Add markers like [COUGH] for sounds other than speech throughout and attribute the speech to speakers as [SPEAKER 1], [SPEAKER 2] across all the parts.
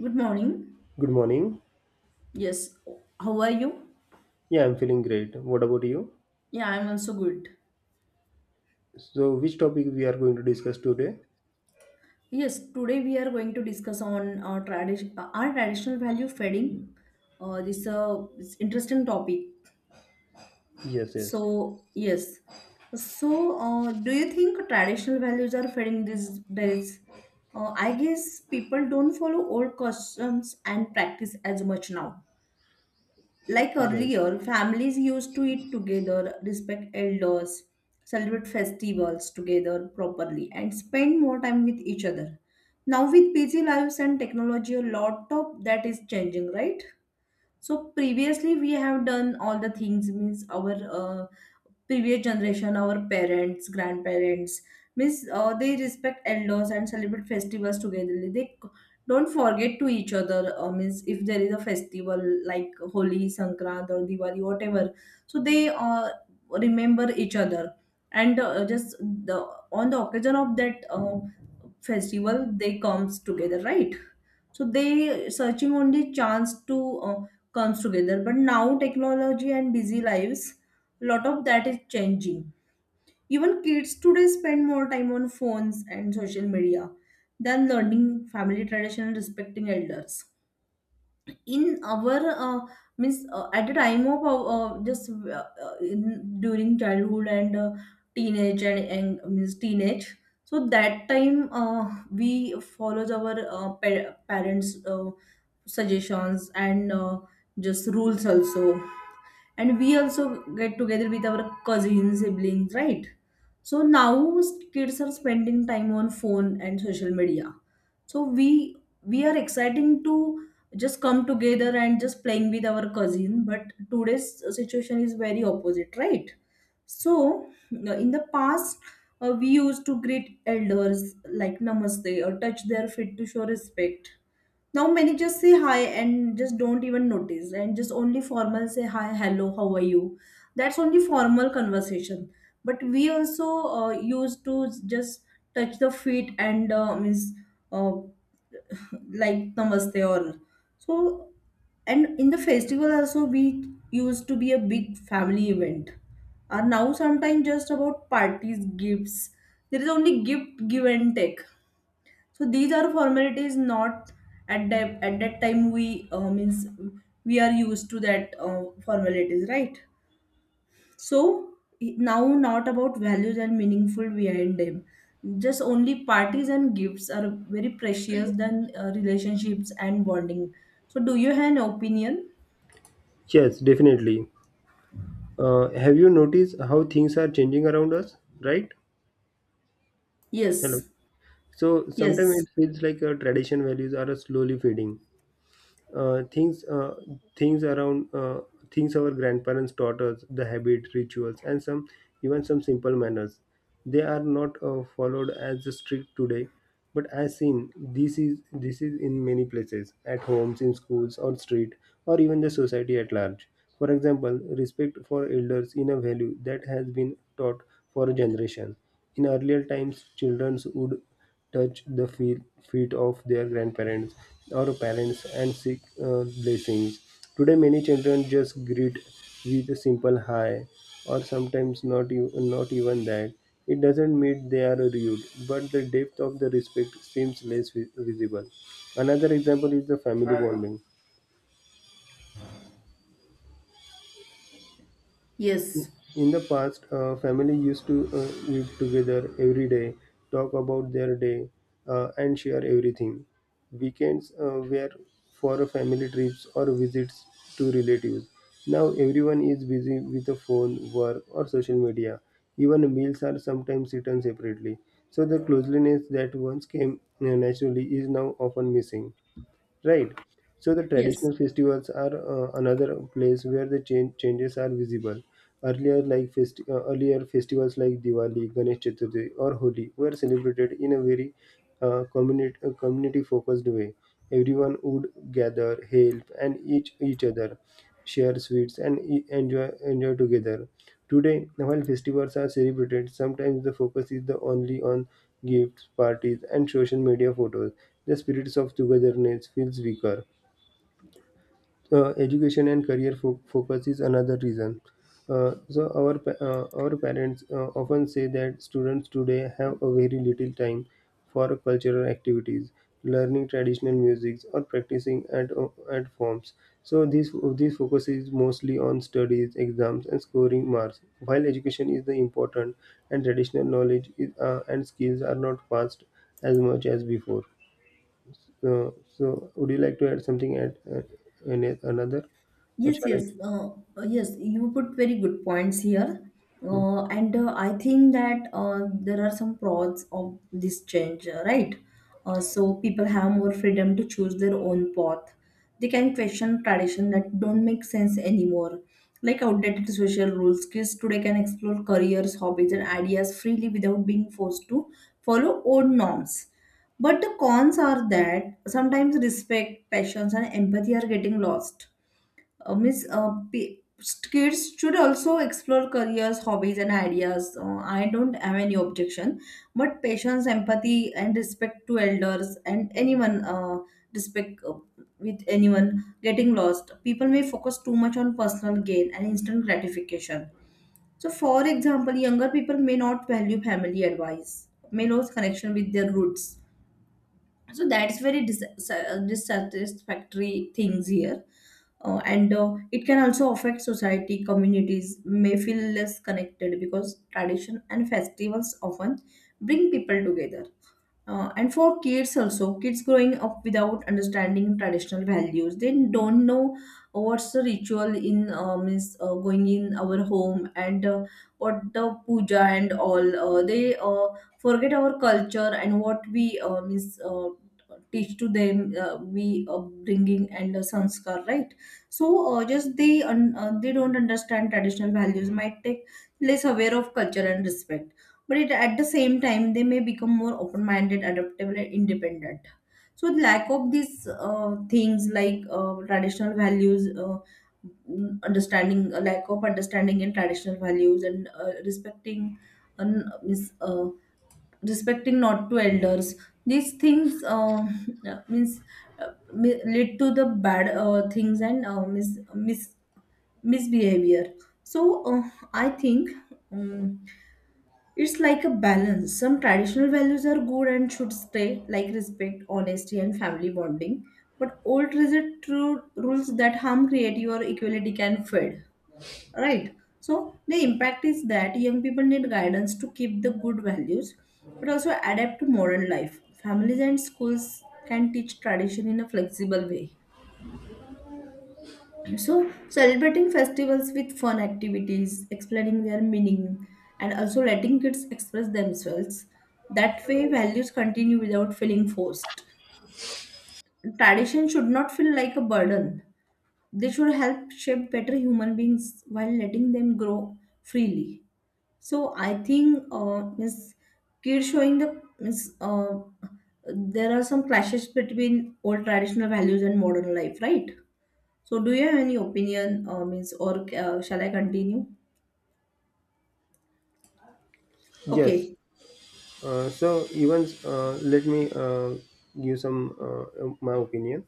[SPEAKER 1] Good morning.
[SPEAKER 2] Good morning.
[SPEAKER 1] Yes, how are you?
[SPEAKER 2] Yeah, I'm feeling great. What about you?
[SPEAKER 1] Yeah, I'm also good.
[SPEAKER 2] So, which topic we are going to discuss today?
[SPEAKER 1] Yes, today we are going to discuss on our tradition, our traditional value fading. This It's interesting topic.
[SPEAKER 2] Yes, yes.
[SPEAKER 1] So yes, so, do you think traditional values are fading these days? I guess people don't follow old customs and practice as much now. Like
[SPEAKER 2] Right.
[SPEAKER 1] earlier, families used to eat together, respect elders, celebrate festivals together properly, and spend more time with each other. Now, with busy lives and technology, a lot of that is changing, right? So previously we have done all the things means our uh, previous generation, our parents, grandparents means they respect elders and celebrate festivals together. Don't forget to each other means if there is a festival like Holi, Sankrant or Diwali, whatever. So they remember each other and just the on the occasion of that festival they comes together, right? So they searching only chance to. Comes together. But now technology and busy lives, a lot of that is changing. Even kids today spend more time on phones and social media than learning family tradition and respecting elders. In our means at the time of our, just in, during childhood and teenage and means teenage. So that time we follows our parents' suggestions and just rules also and we also get together with our cousins siblings, right? So now kids are spending time on phone and social media, so we are exciting to just come together and just playing with our cousin, but today's situation is very opposite, right? So in the past, we used to greet elders like namaste or touch their feet to show respect. Now many just say hi and just don't even notice and just only formal say hi, hello, how are you? That's only formal conversation. But we also used to just touch the feet and means uh, [LAUGHS] like namaste or so. And in the festival also we used to be a big family event. Are now sometimes just about parties, gifts. There is only gift give and take, so these are formalities, not at that time we means we are used to that formalities, right? So now not about values and meaningful behind them, just only parties and gifts are very precious than relationships and bonding. So do you have an opinion?
[SPEAKER 2] Yes, definitely. Have you noticed how things are changing around us? Right? Hello.
[SPEAKER 1] Yes,
[SPEAKER 2] So, sometimes
[SPEAKER 1] yes,
[SPEAKER 2] it feels like tradition values are slowly fading. uh, things uh, things around uh, Things our grandparents taught us, the habit rituals and some, even some simple manners, they are not followed as strict today, but as seen this is in many places, at homes, in schools or street, or even the society at large. For example, respect for elders, in a value that has been taught for a generation. In earlier times, children would touch the feet of their grandparents or parents and seek blessings. Today, many children just greet with a simple hi, or sometimes not, not even that. It doesn't mean they are rude, but the depth of the respect seems less visible. Another example is the family bonding.
[SPEAKER 1] yes,
[SPEAKER 2] In the past, family used to eat together every day, talk about their day, and share everything. Weekends were for family trips or visits to relatives. Now everyone is busy with the phone, work, or social media. Even meals are sometimes eaten separately. So the closeness that once came naturally is now often missing, right? So the
[SPEAKER 1] yes.
[SPEAKER 2] traditional festivals are another place where the changes are visible. Earlier, like earlier festivals like Diwali, Ganesh Chaturthi, or Holi were celebrated in a very community focused way. Everyone would gather, help, and each other share sweets, and enjoy together. Today, while festivals are celebrated, sometimes the focus is the only on gifts, parties, and social media photos. The spirits of togetherness feels weaker. Education and career focus is another reason. So our our parents often say that students today have a very little time for cultural activities, learning traditional music, or practicing at forms. So this focus is mostly on studies, exams, and scoring marks. While education is the important, and traditional knowledge is, and skills are not passed as much as before. Uh, so, would you like to add something at any another, or
[SPEAKER 1] Yes,
[SPEAKER 2] shall I?
[SPEAKER 1] yes, uh, yes. You put very good points here,
[SPEAKER 2] Hmm.
[SPEAKER 1] and I think that there are some pros of this change, right? So people have more freedom to choose their own path. They can question tradition that don't make sense anymore, like outdated social rules. Kids today can explore careers, hobbies, and ideas freely without being forced to follow old norms. But the cons are that sometimes respect, passions, and empathy are getting lost. uh, means uh, pe- Kids should also explore careers, hobbies, and ideas. I don't have any objection, but patience, empathy, and respect to elders and anyone, respect with anyone getting lost. People may focus too much on personal gain and instant gratification. So for example, younger people may not value family advice, may lose connection with their roots. So that's very dissatisfactory things here. And It can also affect society. Communities may feel less connected because tradition and festivals often bring people together. And for kids also, kids growing up without understanding traditional values, they don't know what's the ritual in means going in our home, and what the puja and all. They forget our culture and what we means teach to them. We upbringing and sanskar, right? So they don't understand traditional values, might take less aware of culture and respect. But it, at the same time, they may become more open-minded, adaptable, and independent. So the lack of these things like traditional values, understanding a lack of understanding in traditional values and respecting and respecting not to elders. These things [LAUGHS] means lead to the bad things and misbehavior. So I think, um, it's like a balance. Some traditional values are good and should stay, like respect, honesty, and family bonding. But old rigid rules that harm creativity or equality can fade, right? So the impact is that young people need guidance to keep the good values, but also adapt to modern life. Families and schools can teach tradition in a flexible way. So celebrating festivals with fun activities, explaining their meaning, and also letting kids express themselves, that way values continue without feeling forced. Tradition should not feel like a burden. They should help shape better human beings while letting them grow freely. So I think means kids showing the means there are some clashes between old traditional values and modern life, right? So do you have any opinion means or shall I continue?
[SPEAKER 2] Yes.
[SPEAKER 1] Okay.
[SPEAKER 2] So, even let me give some my opinion.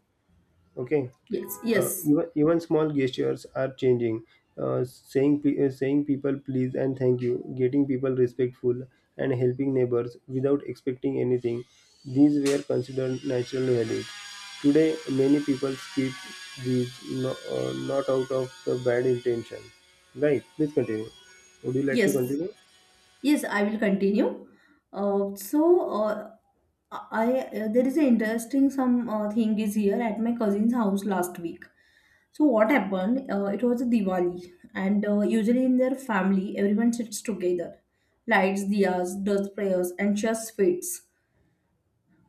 [SPEAKER 2] Okay.
[SPEAKER 1] Yes. Yes.
[SPEAKER 2] Even, even small gestures are changing. Saying people please and thank you, getting people respectful, and helping neighbors without expecting anything. These were considered natural values. Today, many people skip these no, not out of the bad intention. Right? Please continue. Would you like to
[SPEAKER 1] Yes.
[SPEAKER 2] continue?
[SPEAKER 1] Yes. I will continue. So I There is an interesting some thing is here at my cousin's house last week. So what happened? It was a Diwali, and usually in their family, everyone sits together, lights diyas, does prayers, and shares sweets.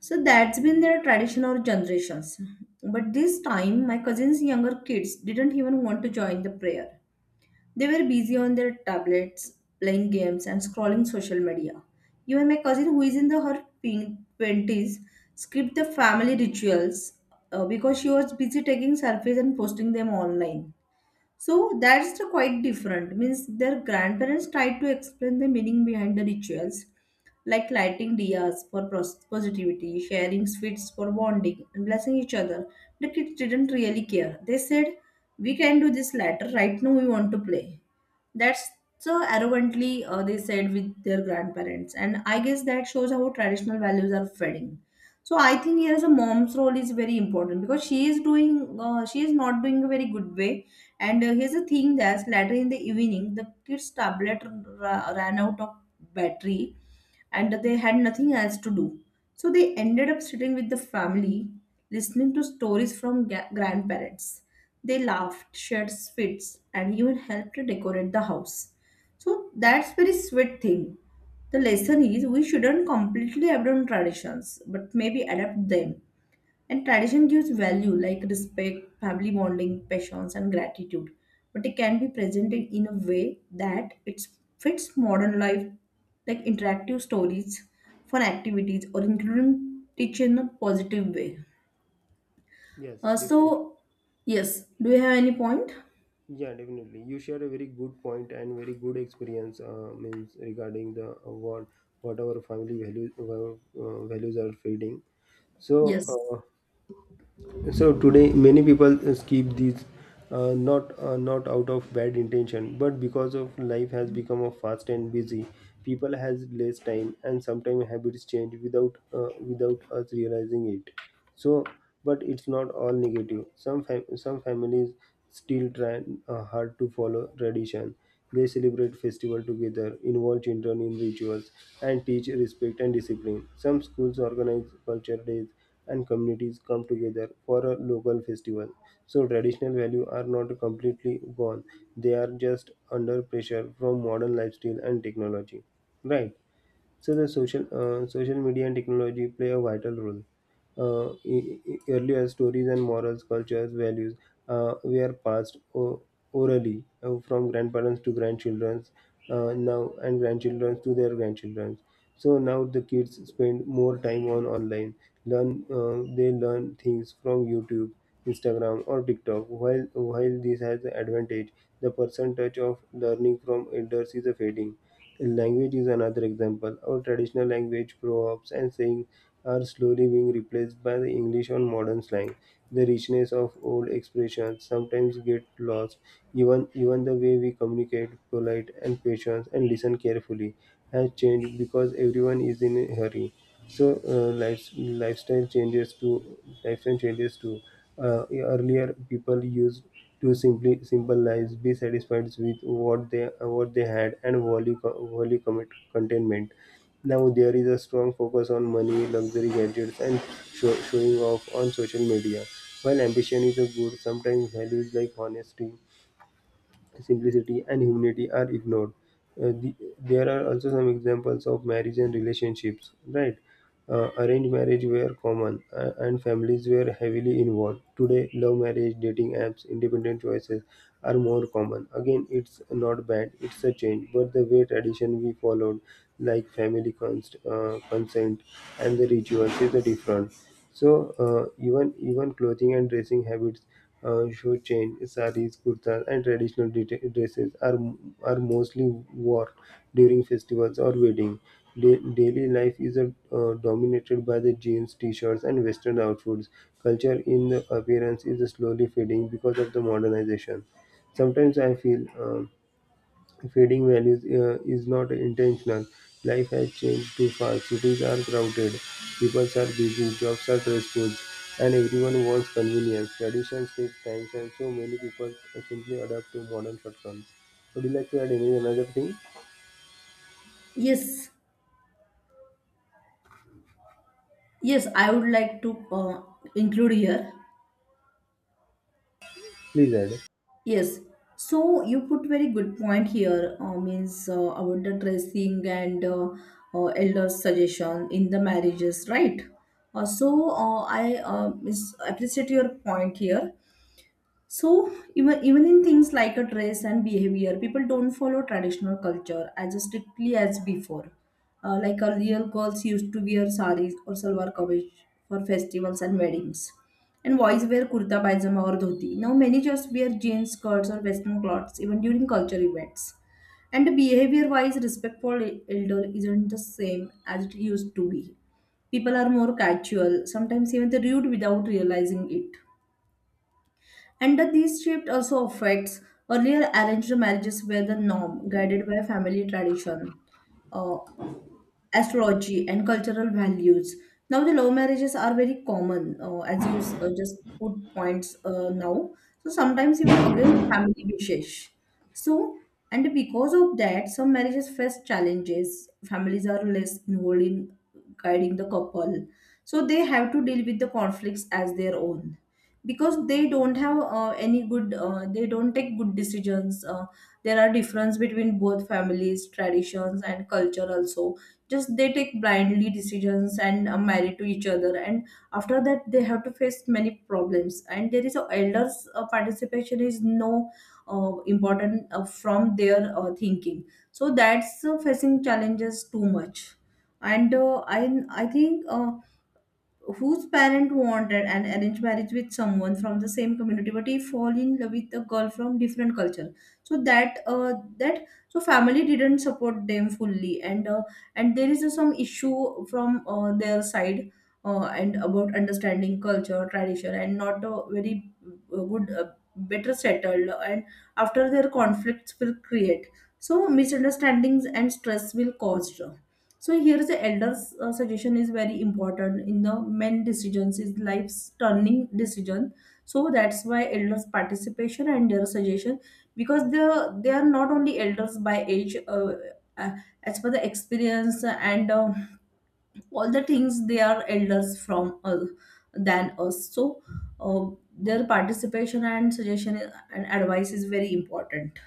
[SPEAKER 1] So that's been their tradition or generations. But this time, my cousin's younger kids didn't even want to join the prayer. They were busy on their tablets, playing games, and scrolling social media. Even my cousin, who is in the her pink 20s, skipped the family rituals because she was busy taking selfies and posting them online. So that's the quite different. Means their grandparents tried to explain the meaning behind the rituals, like lighting diyas for positivity, sharing sweets for bonding, and blessing each other. The kids didn't really care. They said, "We can do this later. Right now, we want to play." That's so arrogantly they said with their grandparents, and I guess that shows how traditional values are fading. So I think here is a mom's role is very important, because she is doing she is not doing a very good way. And here's the thing that later in the evening the ran out of battery, and they had nothing else to do. So they ended up sitting with the family, listening to stories from grandparents. They laughed, shared sweets, and even helped to decorate the house. So that's very sweet thing. The lesson is we shouldn't completely abandon traditions, but maybe adapt them. And tradition gives value like respect, family bonding, passions, and gratitude. But it can be presented in a way that it fits modern life, like interactive stories, fun activities, or including teaching in a positive way.
[SPEAKER 2] Yes, definitely.
[SPEAKER 1] So, yes, do you have any point?
[SPEAKER 2] Yeah, definitely. You share a very good point and very good experience. Means regarding the what our family values are feeding. So
[SPEAKER 1] Yes,
[SPEAKER 2] uh, so today many people skip these not out of bad intention, but because of life has become a fast and busy, people has less time and sometimes habits change without without us realizing it. So, but it's not all negative. Some some families still try hard to follow tradition. They celebrate festival together, involve children in rituals, and teach respect and discipline. Some schools organize culture days, and communities come together for a local festival. So traditional values are not completely gone. They are just under pressure from modern lifestyle and technology. Right. So the social media and technology play a vital role. Earlier stories and morals, cultures, values were passed orally from grandparents to grandchildren, now and grandchildren to their grandchildren. So now the kids spend more time on online. Learn They learn things from YouTube, Instagram, or TikTok. While this has the advantage, the percentage of learning from elders is a fading. Language is another example. Our traditional language, proverbs, and sayings are slowly being replaced by the English or modern slang. The richness of old expressions sometimes get lost. Even the way we communicate, polite and patient, and listen carefully, has changed because everyone is in a hurry. So lifestyle changes to uh, earlier people used to simply simple lives, be satisfied with what they had, and value commit, contentment. Now there is a strong focus on money, luxury gadgets, and showing off on social media. While ambition is a good, sometimes values like honesty, simplicity and humanity are ignored. There are also some examples of marriage and relationships, right? Arranged marriage were common and families were heavily involved. Today, love marriage, dating apps, independent choices are more common. Again, it's not bad, it's a change, but the way tradition we followed, like family consent and the rituals, is a different. So even clothing and dressing habits should change. Saris, kurtas, and traditional dresses are mostly worn during festivals or wedding. Daily life is dominated by the jeans, t-shirts, and western outfits. Culture in the appearance is slowly fading because of the modernization. Sometimes I feel. Fading values is not intentional. Life has changed too fast. Cities are crowded, people are busy, jobs are stressful, and everyone wants convenience. Traditions take time, and so many people simply adapt to modern shortcuts. Would you like to add any another thing?
[SPEAKER 1] yes, yes, I would like to include here.
[SPEAKER 2] Please add.
[SPEAKER 1] Yes. So you put very good point here. Means About the dressing and elders' suggestion in the marriages, right? I is appreciate your point here. So even in things like a dress and behavior, people don't follow traditional culture as strictly as before. Like earlier, girls used to wear saris or salwar kameez for festivals and weddings, and boys wear kurta pajama or dhoti. Now many just wear jeans, skirts, or western clothes even during culture events. And behavior-wise, respect for elder isn't the same as it used to be. People are more casual, sometimes even they rude without realizing it, and that this shift also affects. Earlier arranged marriages were the norm, guided by family tradition. Uh, Astrology and cultural values. Now, the love marriages are very common, as you just put points now. So, sometimes even against family wishes. So, and because of that, some marriages face challenges. Families are less involved in guiding the couple. So, they have to deal with the conflicts as their own, because they don't have any good, they don't take good decisions. There are difference between both families, traditions, and culture also, just they take blindly decisions and are married to each other, and after that they have to face many problems. And there is a elders participation is no important from their thinking, so that's facing challenges too much. And I think whose parent wanted an arranged marriage with someone from the same community, but he fall in love with a girl from different culture. So that that so family didn't support them fully, and there is some issue from their side, and about understanding culture tradition and not a very good better settled, and after their conflicts will create so misunderstandings and stress will cause. So here the elder's suggestion is very important in the men decisions is life's turning decision. So that's why elders participation and their suggestion, because they are not only elders by age. Uh, as per the experience and all the things, they are elders from than us. So uh, their participation and suggestion and advice is very important.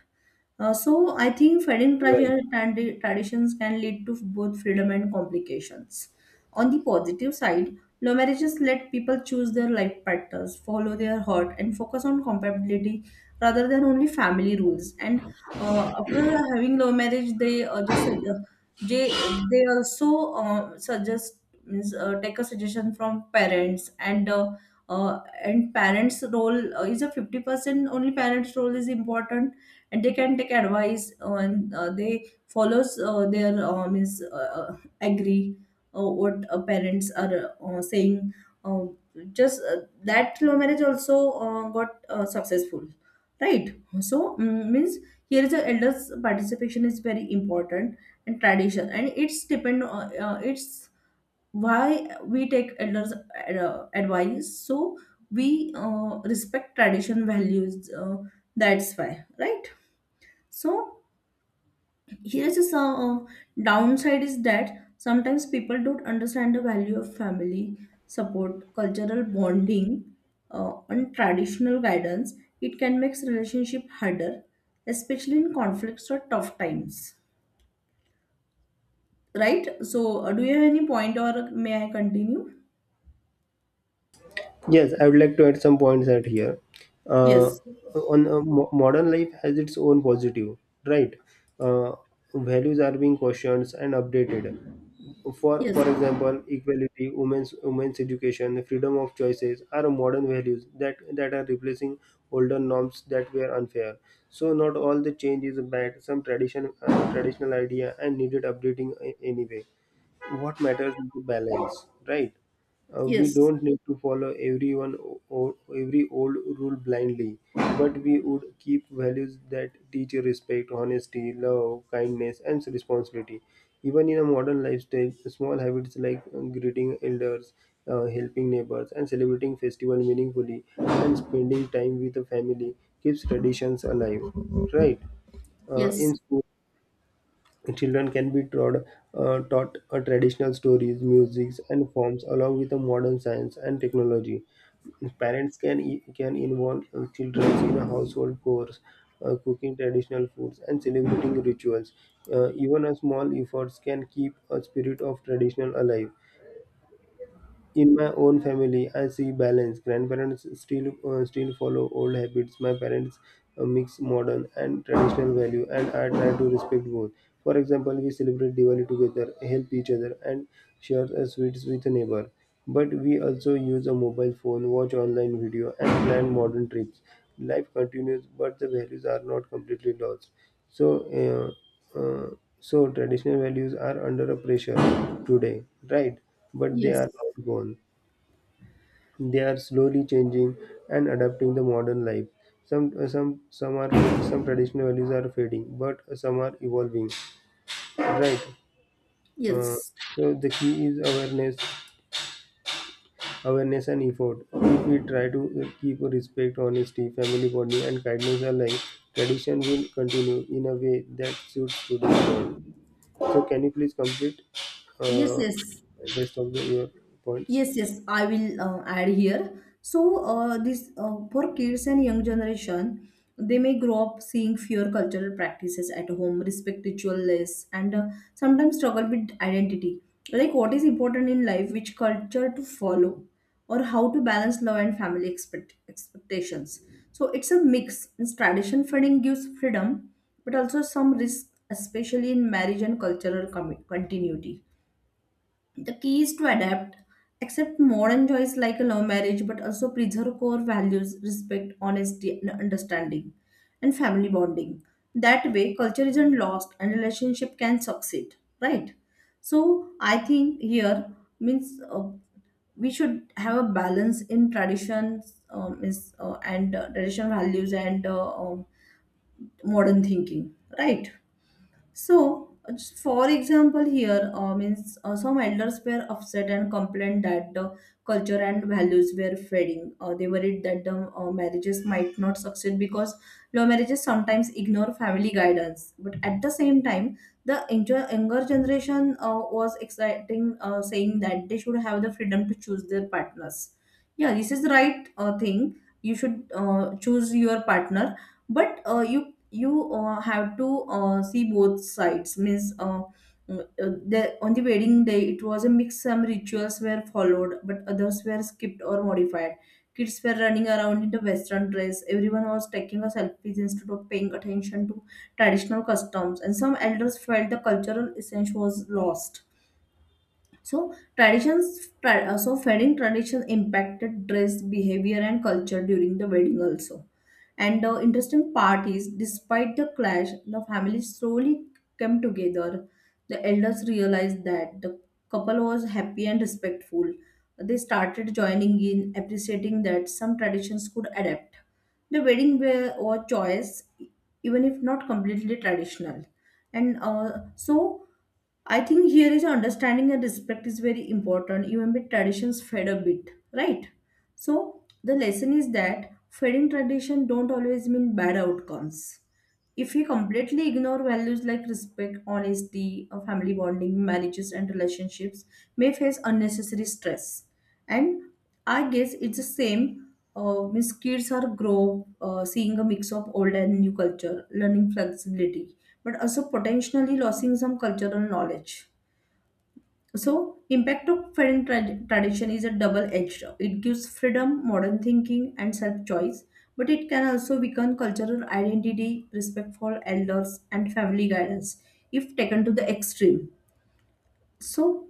[SPEAKER 1] So I think fighting
[SPEAKER 2] Right.
[SPEAKER 1] pressure and the traditions can lead to both freedom and complications. On the positive side, law marriages let people choose their life partners, follow their heart, and focus on compatibility rather than only family rules. And after having law marriage, they also suggest means, take a suggestion from parents. And and parents role is a 50% only, parents role is important, and they can take advice and they follows their is agree what parents are saying. uh, just that low marriage also got successful, right. So means here is the elders participation is very important, and tradition, and it's depend on it's why we take elders advice. So we respect tradition values, that's why. Right. So here's a downside is that sometimes people don't understand the value of family support, cultural bonding, and traditional guidance. It can make relationship harder, especially in conflicts or tough times. Right? So do you have any point or may I continue?
[SPEAKER 2] Yes, I would like to add some points at here. Uh,
[SPEAKER 1] Yes.
[SPEAKER 2] Modern life has its own positive, right? Uh, values are being questioned and updated. For
[SPEAKER 1] Yes.
[SPEAKER 2] example, equality, women's education, freedom of choices are modern values that are replacing older norms that were unfair. So not all the change is bad. Some tradition traditional idea and needed updating anyway. What matters is the balance, right? We
[SPEAKER 1] Yes.
[SPEAKER 2] don't need to follow everyone or every old rule blindly, but we would keep values that teach respect, honesty, love, kindness, and responsibility. Even in a modern lifestyle, small habits like greeting elders, helping neighbors, and celebrating festival meaningfully, and spending time with the family keeps traditions alive. Right?
[SPEAKER 1] Yes.
[SPEAKER 2] In school, children can be taught, taught traditional stories, musics, and forms along with the modern science and technology. Parents can involve children in a household chores, cooking traditional foods, and celebrating rituals. Even a small efforts can keep a spirit of traditional alive. In my own family, I see balance. Grandparents still follow old habits. My parents mix modern and traditional value, and I try to respect both. For example, we celebrate Diwali together, help each other, and share sweets with a neighbor. But we also use a mobile phone, watch online video, and plan modern trips. Life continues, but the values are not completely lost. So. Uh, so traditional values are under a pressure today, right? But they
[SPEAKER 1] Yes.
[SPEAKER 2] are not gone. They are slowly changing and adapting the modern life. Some some are, some traditional values are fading, but some are evolving, right? Uh,
[SPEAKER 1] Yes.
[SPEAKER 2] so the key is awareness and effort. If we try to keep respect, honesty, family bonding, and kindness alive, tradition will continue in a way that suits today's world. So can you please complete
[SPEAKER 1] Yes.
[SPEAKER 2] uh,
[SPEAKER 1] Yes.
[SPEAKER 2] rest of the, your points?
[SPEAKER 1] Yes, yes, I will add here. So, this for kids and young generation, they may grow up seeing fewer cultural practices at home, respect ritual less, and sometimes struggle with identity. Like what is important in life, which culture to follow, or how to balance love and family expectations. So it's a mix. It's tradition feeding gives freedom, but also some risk, especially in marriage and cultural continuity. The key is to adapt, accept modern joys like a love marriage, but also preserve core values, respect, honesty, and understanding, and family bonding. That way, culture isn't lost and relationship can succeed, right? So, I think here means we should have a balance in traditions and traditional values and modern thinking, right? So, just for example, here means some elders were upset and complained that culture and values were fading. They worried that the marriages might not succeed because law marriages sometimes ignore family guidance. But at the same time, the younger generation was exciting, saying that they should have the freedom to choose their partners. Yeah, this is the right thing. You should choose your partner, but you have to see both sides means. On the wedding day it was a mix, some rituals were followed but others were skipped or modified. Kids were running around in the western dress, everyone was taking a selfies instead of paying attention to traditional customs, and some elders felt the cultural essence was lost. So wedding tradition impacted dress, behavior, and culture during the wedding also. And the interesting part is, despite the clash, the family slowly came together. The elders realized that the couple was happy and respectful. They started joining in, appreciating that some traditions could adapt. The wedding wear or choice, even if not completely traditional, and so. I think here is understanding and respect is very important, even with traditions fade a bit, right? So the lesson is that fading tradition don't always mean bad outcomes. If we completely ignore values like respect, honesty, family bonding, marriages, and relationships, may face unnecessary stress. And I guess it's the same. Means kids are grow seeing a mix of old and new culture, learning flexibility, but also potentially losing some cultural knowledge. So, impact of parent tradition is a double-edged. It gives freedom, modern thinking, and self-choice, but it can also weaken cultural identity, respect for elders, and family guidance if taken to the extreme. So,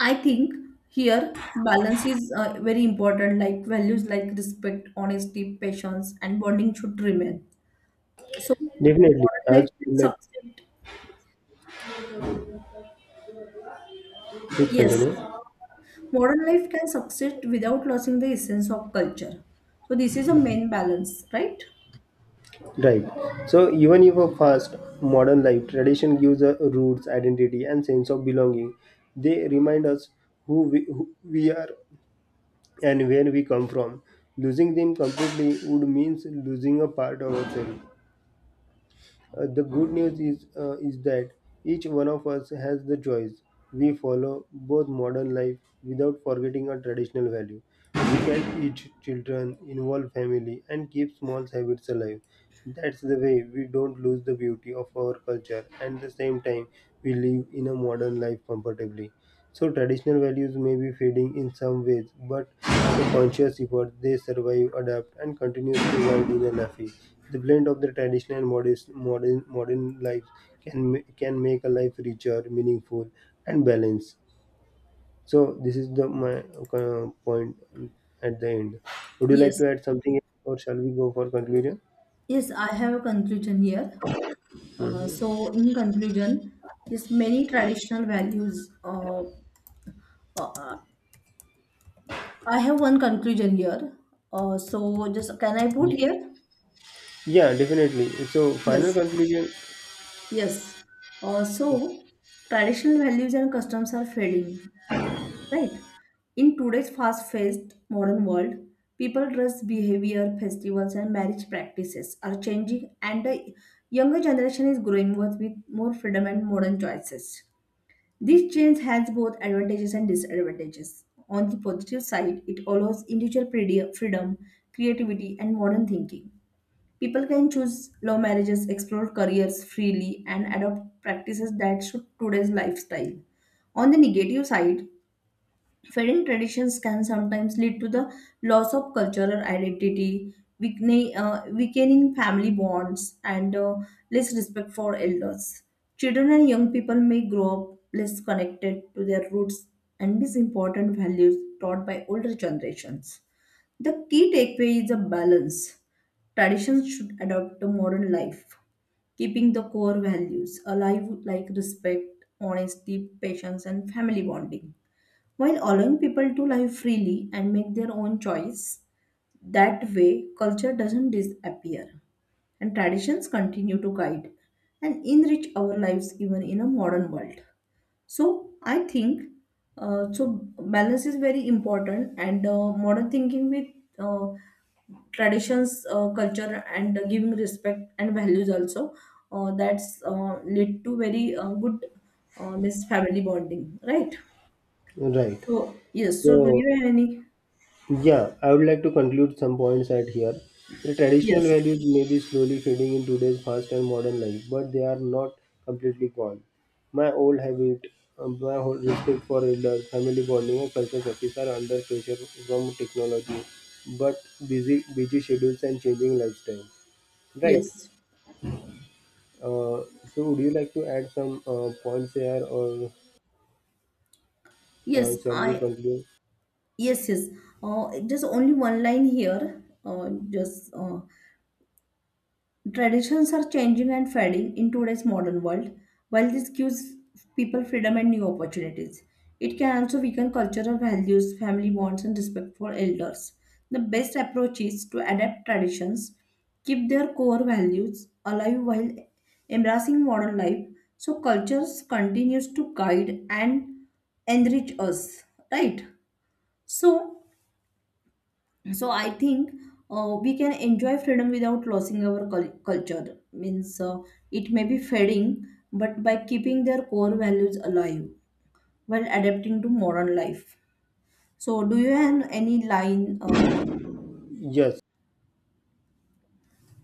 [SPEAKER 1] I think here balance is very important. Like values like respect, honesty, patience, and bonding should remain. So,
[SPEAKER 2] Definitely.
[SPEAKER 1] modern
[SPEAKER 2] As
[SPEAKER 1] life is
[SPEAKER 2] like
[SPEAKER 1] subject.
[SPEAKER 2] please
[SPEAKER 1] Yes,
[SPEAKER 2] continue.
[SPEAKER 1] modern life can subsist without losing the essence of culture. So this is a main balance, right?
[SPEAKER 2] Right. So even if a fast modern life, tradition gives us roots, identity, and sense of belonging. They remind us who we are and where we come from. Losing them completely would means losing a part of ourselves. The good news is that each one of us has the choice. We follow both modern life without forgetting our traditional value. We can teach children, involve family, and keep small habits alive. That's the way we don't lose the beauty of our culture, and at the same time we live in a modern life comfortably. So traditional values may be fading in some ways, but through conscious effort they survive, adapt, and continue to evolve in an FE. The blend of the traditional and modern life can can make a life richer, meaningful, and balanced. So this is the my point at the end. Would you like
[SPEAKER 1] Yes,
[SPEAKER 2] to add something, else, or shall we go for conclusion?
[SPEAKER 1] yes, I have a conclusion here. So, in conclusion, yes, many traditional values. I have one conclusion here. So, just can I put
[SPEAKER 2] Ye-
[SPEAKER 1] here?
[SPEAKER 2] Yeah, definitely. So final
[SPEAKER 1] Yes,
[SPEAKER 2] conclusion,
[SPEAKER 1] yes. So, traditional values and customs are fading, right. In today's fast-paced modern world, people dress behavior, festivals, and marriage practices are changing, and the younger generation is growing up with more freedom and modern choices. This change has both advantages and disadvantages. On the positive side, it allows individual freedom, creativity, and modern thinking. People can choose love marriages, explore careers freely, and adopt practices that suit today's lifestyle. On the negative side, fading traditions can sometimes lead to the loss of cultural identity, weakening family bonds, and less respect for elders. Children and young people may grow up less connected to their roots and miss important values taught by older generations. The key takeaway is a balance. Traditions should adapt to modern life, keeping the core values alive like respect, honesty, patience, and family bonding. While allowing people to live freely and make their own choice, that way culture doesn't disappear and traditions continue to guide and enrich our lives even in a modern world. So I think so balance is very important, and modern thinking with uh, traditions, culture and giving respect and values also, that's lead to very good means family bonding, right?
[SPEAKER 2] right?
[SPEAKER 1] So yes, so do
[SPEAKER 2] So
[SPEAKER 1] you have any?
[SPEAKER 2] yeah, I would like to conclude some points at here. The traditional
[SPEAKER 1] Yes,
[SPEAKER 2] values may be slowly fading in today's fast and modern life, but they are not completely gone. My old habit, my whole respect for elders, family bonding, and cultural practice are under pressure from technology, but busy schedules and changing lifestyle. Right.
[SPEAKER 1] yes,
[SPEAKER 2] Uh, so, would you like to add some points here, or
[SPEAKER 1] yes.
[SPEAKER 2] shall we
[SPEAKER 1] I
[SPEAKER 2] conclude?
[SPEAKER 1] yes, yes. Just only one line here. Just Traditions are changing and fading in today's modern world. While this gives people freedom and new opportunities, it can also weaken cultural values, family bonds, and respect for elders. The best approach is to adapt traditions, keep their core values alive while embracing modern life, so cultures continues to guide and enrich us, right? So so I think we can enjoy freedom without losing our culture means it may be fading, but by keeping their core values alive while adapting to modern life. So do you have any line
[SPEAKER 2] Yes.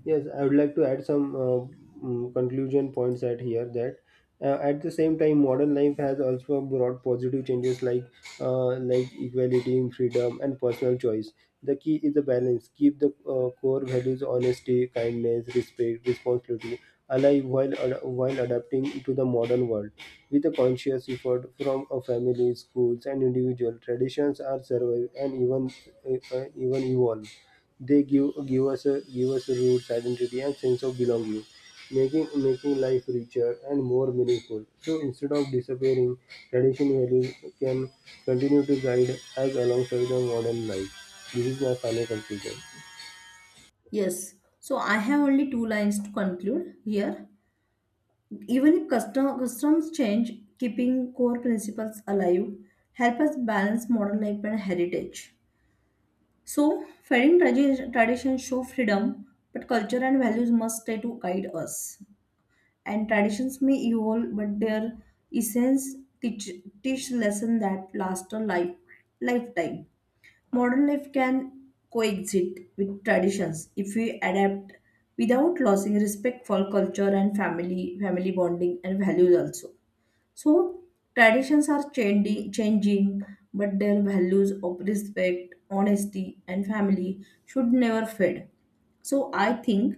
[SPEAKER 2] Yes, I would like to add some conclusion points at here that at the same time, modern life has also brought positive changes like equality, freedom and personal choice. The key is the balance. Keep the core values: honesty, kindness, respect, responsibility alive, while while adapting to the modern world with a conscious effort from a family, schools, and individual. Traditions are survive and even even evolve. They give us a roots, identity, and sense of belonging, making life richer and more meaningful. So instead of disappearing, tradition values can continue to guide us alongside the modern life. This is my final conclusion.
[SPEAKER 1] yes. So I have only two lines to conclude here. Even if customs change, keeping core principles alive help us balance modern life and heritage. So, wedding traditions show freedom, but culture and values must stay to guide us. And traditions may evolve, but their essence teach, teach lesson that last a lifetime. Modern life can coexist with traditions if we adapt without losing respect for culture and family bonding and values also. So traditions are changing, but their values of respect, honesty, and family should never fade. So I think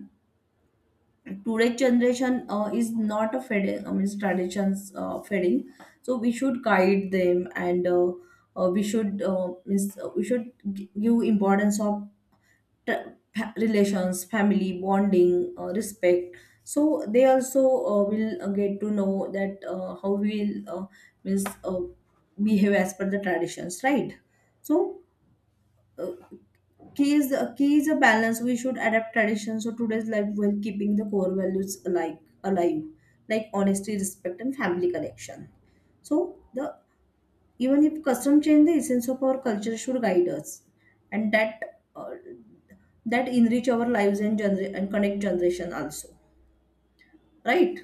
[SPEAKER 1] today's generation is not a fading. I mean, traditions fading. So we should guide them, and we should we should give importance of t- relations, family, bonding, respect. So they also will get to know that how we will means, uh, behave as per the traditions, right? So uh, key is a balance. We should adapt traditions to today's life while keeping the core values alike alive, like honesty, respect, and family connection. So the even if custom change, the essence of our culture should guide us, and that enrich our lives and and connect generation also, right.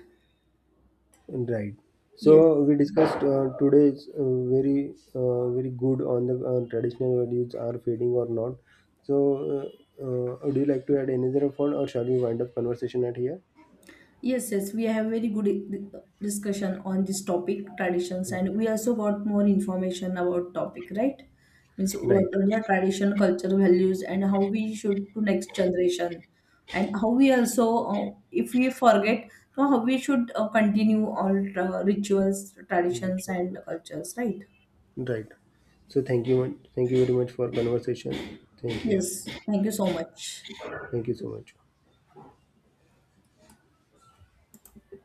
[SPEAKER 2] Right.
[SPEAKER 1] Yes,
[SPEAKER 2] So we discussed today's very very good on the traditional values are fading or not. So uh, would you like to add any other point, or shall we wind up conversation at here?
[SPEAKER 1] yes, yes, we have very good discussion on this topic traditions, and we also got more information about topic, right. Means
[SPEAKER 2] Right.
[SPEAKER 1] what are the tradition culture values, and how we should to next generation, and how we also if we forget. So how we should continue all rituals traditions and
[SPEAKER 2] Literally.
[SPEAKER 1] cultures, right.
[SPEAKER 2] Right. So thank you very much for conversation. Thank you.
[SPEAKER 1] Yes, thank you so much.
[SPEAKER 2] Thank you so much.